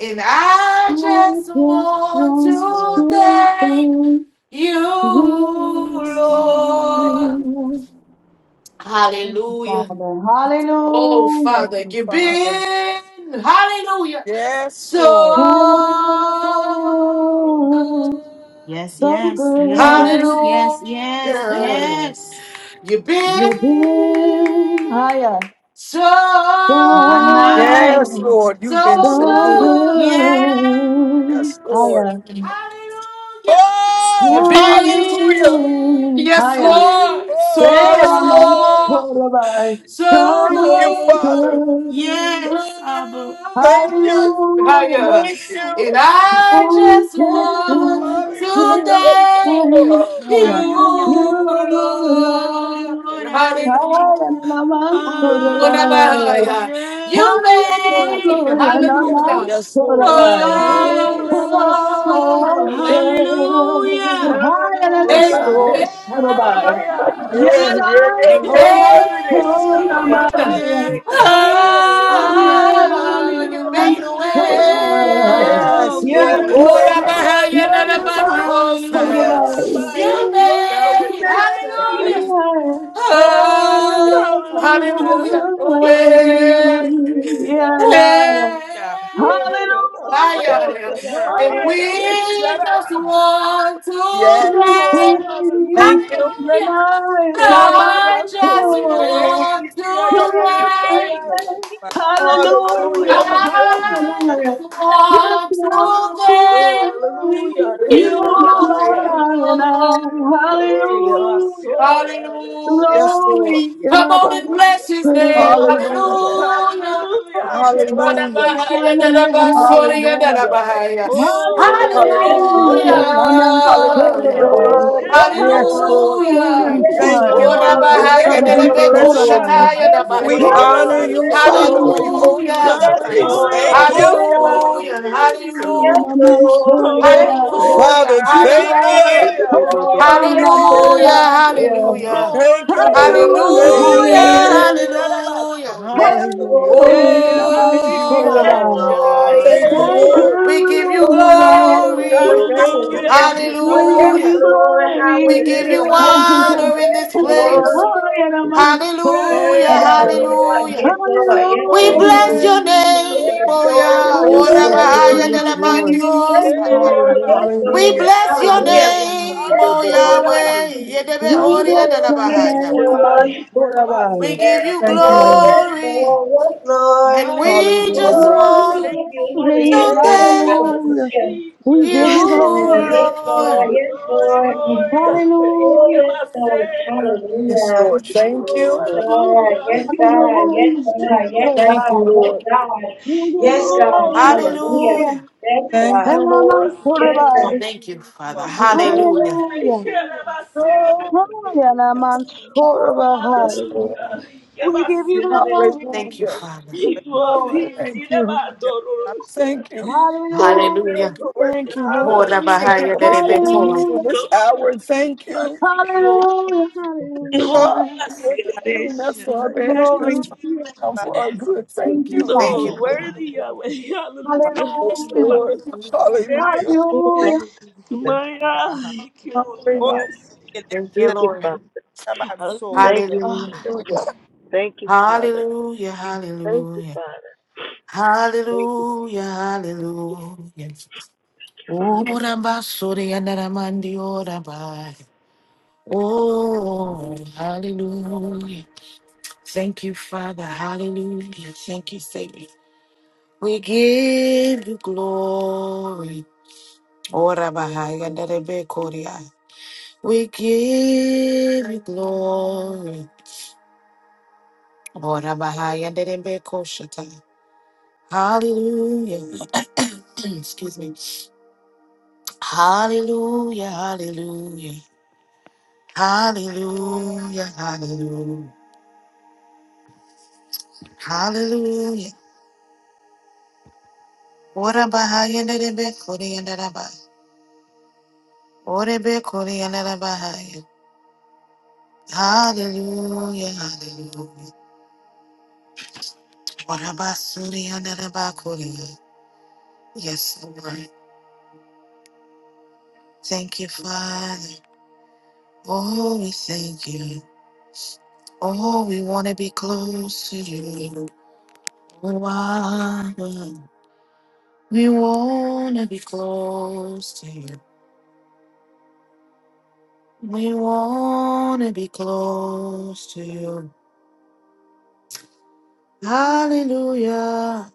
And I just
just
want
Yes,
want
to
Lord.
to
thank
thank
you,
Yes, Lord. We Thank
Lord.
you.
you.
Hallelujah.
Father,
Oh,
hallelujah.
Thank
Father,
you,
you've
Father.
been, hallelujah,
Yes,
so
Lord.
good.
Oh,
Yes,
so
yes,
Yes, yes.
yes,
good.
yes, yes,
You've been.
Hallelujah.
yes.
You've been
You've been higher.
so,
My mind,
Yes,
So,
Lord. You've been
so
so
so
good.
good.
good.
Yes,
yes,
Lord.
Higher.
Hallelujah.
Oh,
You've
Why you
been,
hallelujah.
been
yes,
higher?
Lord,
Oh, yes,
Hallelujah.
Lord.
so, so
You
Thank you,
good.
Father.
Lord,
yes, Abba.
Thank you.
Who
Higher.
Thank
you?
you.
And I,
I
are.
just want
Hallelujah.
to thank
Oh,
you.
Hallelujah. My Lord, I thank you.
Hallelujah.
Oh, yes.
yes, Lord.
Hallelujah.
Yes, Lord.
Hallelujah.
Oh,
Yes.
Rabasi.
Hallelujah.
Yes,
Hallelujah.
Lord.
Hallelujah.
Yeah, yeah, yeah, yeah,
Glory
yeah.
to
Hey,
Shiva,
yes.
Yes, God.
Sekairo.
Ah.
Abba. Hallelujah.
Yes,
Hallelujah.
Hallelujah.
Yerere
Yes,
Oh,
Yes,
Lord.
Shiva,
yes.
Thank
Lord.
you.
Soyarade.
Oh,
Make
Hallelujah.
a
Hawabae, Glory
Yahweh.
to
Hallelujah.
Shirai.
Hallelujah.
Hallelujah.
way.
Yoraba Sirenai.
Hallelujah.
Yeraba
Break
Hallelujah.
the
Soka,
liver.
Yabae, Yerere Shiraba.
Hallelujah.
Yes.
Oh, hallelujah.
Thank
Hallelujah.
you.
Yeraba Soyare, Shikia, Yerere Bayawe.
Hallelujah.
Hallelujah.
Yes,
Hallelujah. Just
God.
want to
Oh,
say
hallelujah.
you
You-
are
Resharabaya.
mine.
Hey,
Hallelujah.
Basora.
Yes, Lord.
Glory.
Lord God.
Basora.
Hallelujah.
Yes.
Hallelujah.
Hallelujah.
Hallelujah. Hallelujah.
Rebasikia. Reshara.
Hallelujah.
Hallelujah.
Oh,
Oh, yes,
You
Hallelujah.
get
Renesia.
us
Hallelujah,
Lord.
Mama.
away.
Basora.
Yes,
Hallelujah.
Sorabaya.
Lord. Yes,
Yes,
Lord.
Renesia.
Lord.
Hallelujah,
Hallelujah.
We
Yes,
thank
Maya.
you
Lord.
Isora.
higher
Yes,
and
Rabbi
than
we
a big
Renesia.
Lord.
bless you.
Sorabaya.
Rabasi.
Yes,
higher than my
We
day.
Lord.
honor you,
Yes,
Rebasora.
Father. We
Lord.
Hallelujah.
owe you this
Hallelujah,
Yes,
Yes.
praise.
Hallelujah.
Thank you.
Lord.
hallelujah, hallelujah,
Rebasire.
Hallelujah,
Yes, Lord. Yes,
Mama
Oh, you're
Oh,
Sorabaya.
worthy,
Lord.
hallelujah,
Father,
God.
thank
Hallelujah.
hallelujah,
you.
Hallelujah.
Yes,
Hallelujah.
Lord.
Yeah,
Oh,
Baba
Yes,
Mama
said I.
Lord.
hallelujah,
Yes,
Saya.
Lord.
hallelujah,
Oh,
Thank you,
Yes, Lord. Yes,
wonderful
Lord.
Hallelujah,
Yahweh.
Thank
Lord.
you,
Yes, Lord. Yes,
hallelujah,
Lord.
Yerele
hallelujah.
Yes, yes,
sharabasoya.
yes.
hallelujah.
Hallelujah.
Lord.
Hey,
Hallelujah, Mama
Thank
Abasi,
you, Lord.
Yes,
yerele
Oh.
Sorabaya.
Lord.
sharai.
Thank
Yes,
you,
Hey,
Thank
Lord.
you,
Lord.
We give
Abando.
you
Oh, yes,
glory.
Lord.
Lord.
Thank you.
Hallelujah.
Hallelujah.
There's
We
no way
Yes,
give you
Hallelujah.
Lord.
Yarabasoya.
glory.
We give
Hey,
Hallelujah.
you
Thank you,
Abaya.
Hallelujah.
honor
Lord.
in
Yes,
this
Hey,
place.
Lord.
Lord, and
Thank
the sick, ay,
Hallelujah.
Thank
Yes,
you,
ay,
Lord.
ay.
Lord. Yes,
Hallelujah.
Lord. Yes,
We
Thank you,
Oh,
Lord.
bless
you
Lord.
your
worthy
can
Yes,
make
name,
Yahweh.
oh
a way
Lord.
yeah.
for
We
Yes,
Yes,
Ora
bless
Lord.
Yarabasoya.
Lord.
Lord.
your
bahaya de
Yes,
la
Lord.
Yes,
name.
mandiosa.
Lord. Yes,
Hallelujah.
We
Lord.
Hallelujah.
bless your
Hallelujah.
Lord,
name,
Yes,
oh
Lord.
Hallelujah.
Yahweh.
Yes,
Yedebe
us.
We
horia
bless
de
Oh,
yes,
la
your
God.
it is
bahaya.
name,
Shaddai.
Lord.
Shaddai,
Hallelujah.
We
Masoravaya.
give
Shaddai.
Yes,
you
Thank you,
Lord.
Lord.
Yes,
glory.
Lord. Yes, Lord.
And we
We
just
Hallelujah.
Hallelujah.
give
Oh, we
want
Okay.
you
give you another
glory.
yes,
to
Lord.
thank
Hallelujah.
Hallelujah.
We
you,
give
Yes,
you
Lord.
glory.
Yes, Lord.
Lord.
Oh,
Yes,
glory,
Lord. Mm.
glory.
Oh,
Hallelujah.
yes,
Ooh,
God.
Yes,
Hallelujah.
Lord. Thank you.
Oh,
God. Yes,
hallelujah.
God. Yes,
Hallelujah.
God.
Yes,
Yes,
Lord.
Thank you,
God. Yes,
Lord.
God.
We give you
Yes, God.
Oh,
glory.
you are the
Hallelujah.
Hallelujah.
Hallelujah.
Thank
Yes,
King
Thank
God.
you,
And
of
Lord.
us.
I'm
Good.
Thank you, Father.
Lord.
You are
Hallelujah.
the way
Hallelujah.
maker.
Hallelujah.
you,
na
Yes,
mansora
Yes,
bahai.
Hallelujah.
Lord.
We
God.
give you
Yabasilele.
glory,
Thank you,
Hallelujah.
Father.
You are peace.
Lord.
Thank you.
Yes, God.
Yidabadorosha.
Thank you.
You
Hallelujah.
Hallelujah.
miracle worker.
Thank you, Lord.
Ora
for
Hallelujah.
bahaya
giving us what we
derebeto.
need in
Hallelujah.
this hour. Thank you.
Thank you,
Hallelujah.
Yabasilele. Oh,
Ah,
Hallelujah.
What the
Yabasilele.
enemy meant for our bad, you have
Glory.
turned it
Hallelujah.
out
God,
for our good.
Thank
Thank
you,
you.
So
Thank you,
Father.
Father.
worthy Yahweh.
for
Hallelujah.
Yes,
Hallelujah.
Lord.
God.
new
Yabasilele.
Hallelujah.
Hallelujah.
you,
Hallelujah.
Father.
opportunity,
My God.
God. Lord,
Hallelujah.
your name
Thank you,
is
Thank you,
Lord.
Father.
above
Thank
sorrow.
you.
Hallelujah.
Hallelujah.
Thank you, Father.
Hallelujah.
Thank you,
Hallelujah.
Father. Thank you,
Hallelujah. Hallelujah.
Father.
Ora basore yanaramandi ora bahaya. Oh, hallelujah. Thank you, Father. Hallelujah. Thank you, Savior. We give you glory. Ora bahaya dere be koria. We give you glory. Ora bahaya dere be koshata. Hallelujah. Excuse me. Hallelujah. Hallelujah. Hallelujah. Hallelujah. Hallelujah. Ora bahaya dere be koria dere ba, Ora be koria derabahaya. Hallelujah. Hallelujah. Ora basuria ba koria. Yes, Lord. Thank you, Father. Oh, we thank you. Oh, we want to be close to you. Oh, Abba. we want to be close to you. We want to be close to you. Hallelujah.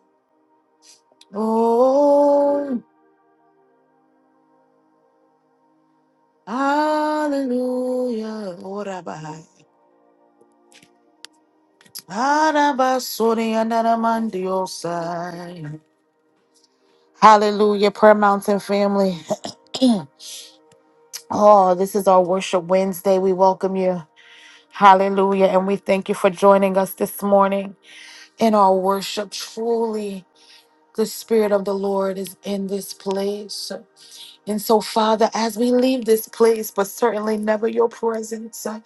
Oh, hallelujah. Oh, Rabbi. Arabasuri and Aramandiosa. Hallelujah, Prayer Mountain family. Oh, this is our Worship Wednesday. We welcome you. Hallelujah. And we thank you for joining us this morning in our worship. Truly, the Spirit of the Lord is in this place. And so, Father, as we leave this place, but certainly never your presence, uh,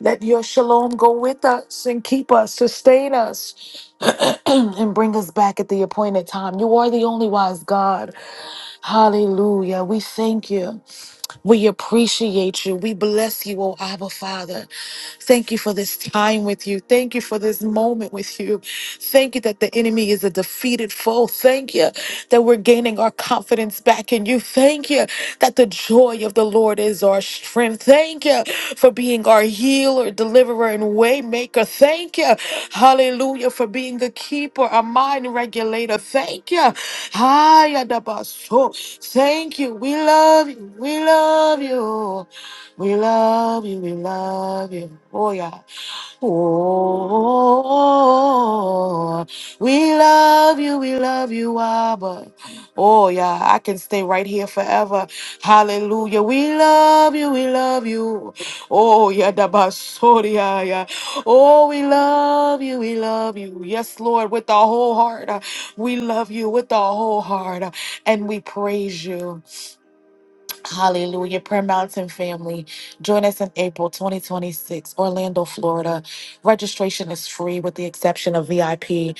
let your shalom go with us and keep us, sustain us, and bring us back at the appointed time. You are the only wise God. Hallelujah. We thank you. We appreciate you. We bless you, oh Abba Father. Thank you for this time with you. Thank you for this moment with you. Thank you that the enemy is a defeated foe. Thank you that we're gaining our confidence back in you. Thank you that the joy of the Lord is is our strength. Thank you for being our healer, deliverer, and waymaker. Thank you, hallelujah, for being a keeper, a mind regulator. Thank you. Hayadabaso. Thank you. We love you. We love you. We love you. We love you. Oh, yeah. Oh, we love you, we love you, Abba. Oh, yeah, I can stay right here forever. Hallelujah. We love you. We love you. Oh, yeah, da basoria, yeah. Oh, we love you. We love you. Yes, Lord, with our whole heart. uh, We love you with our whole heart. uh, And we praise you. Hallelujah. Prayer Mountain family, join us in April 2026, Orlando, Florida. Registration is free with the exception of VIP.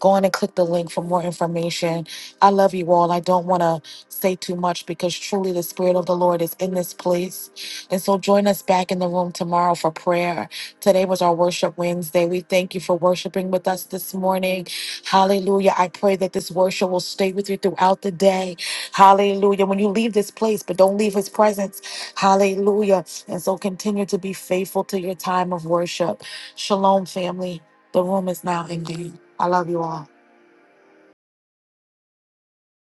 Go on and click the link for more information. I love you all. I don't want to say too much because truly the Spirit of the Lord is in this place. And so join us back in the room tomorrow for prayer. Today was our Worship Wednesday. We thank you for worshiping with us this morning. Hallelujah. I pray that this worship will stay with you throughout the day Hallelujah. When you leave this place, but don't leave his presence. Hallelujah. And so continue to be faithful to your time of worship. Shalom, family. The room is now ending. I love you all.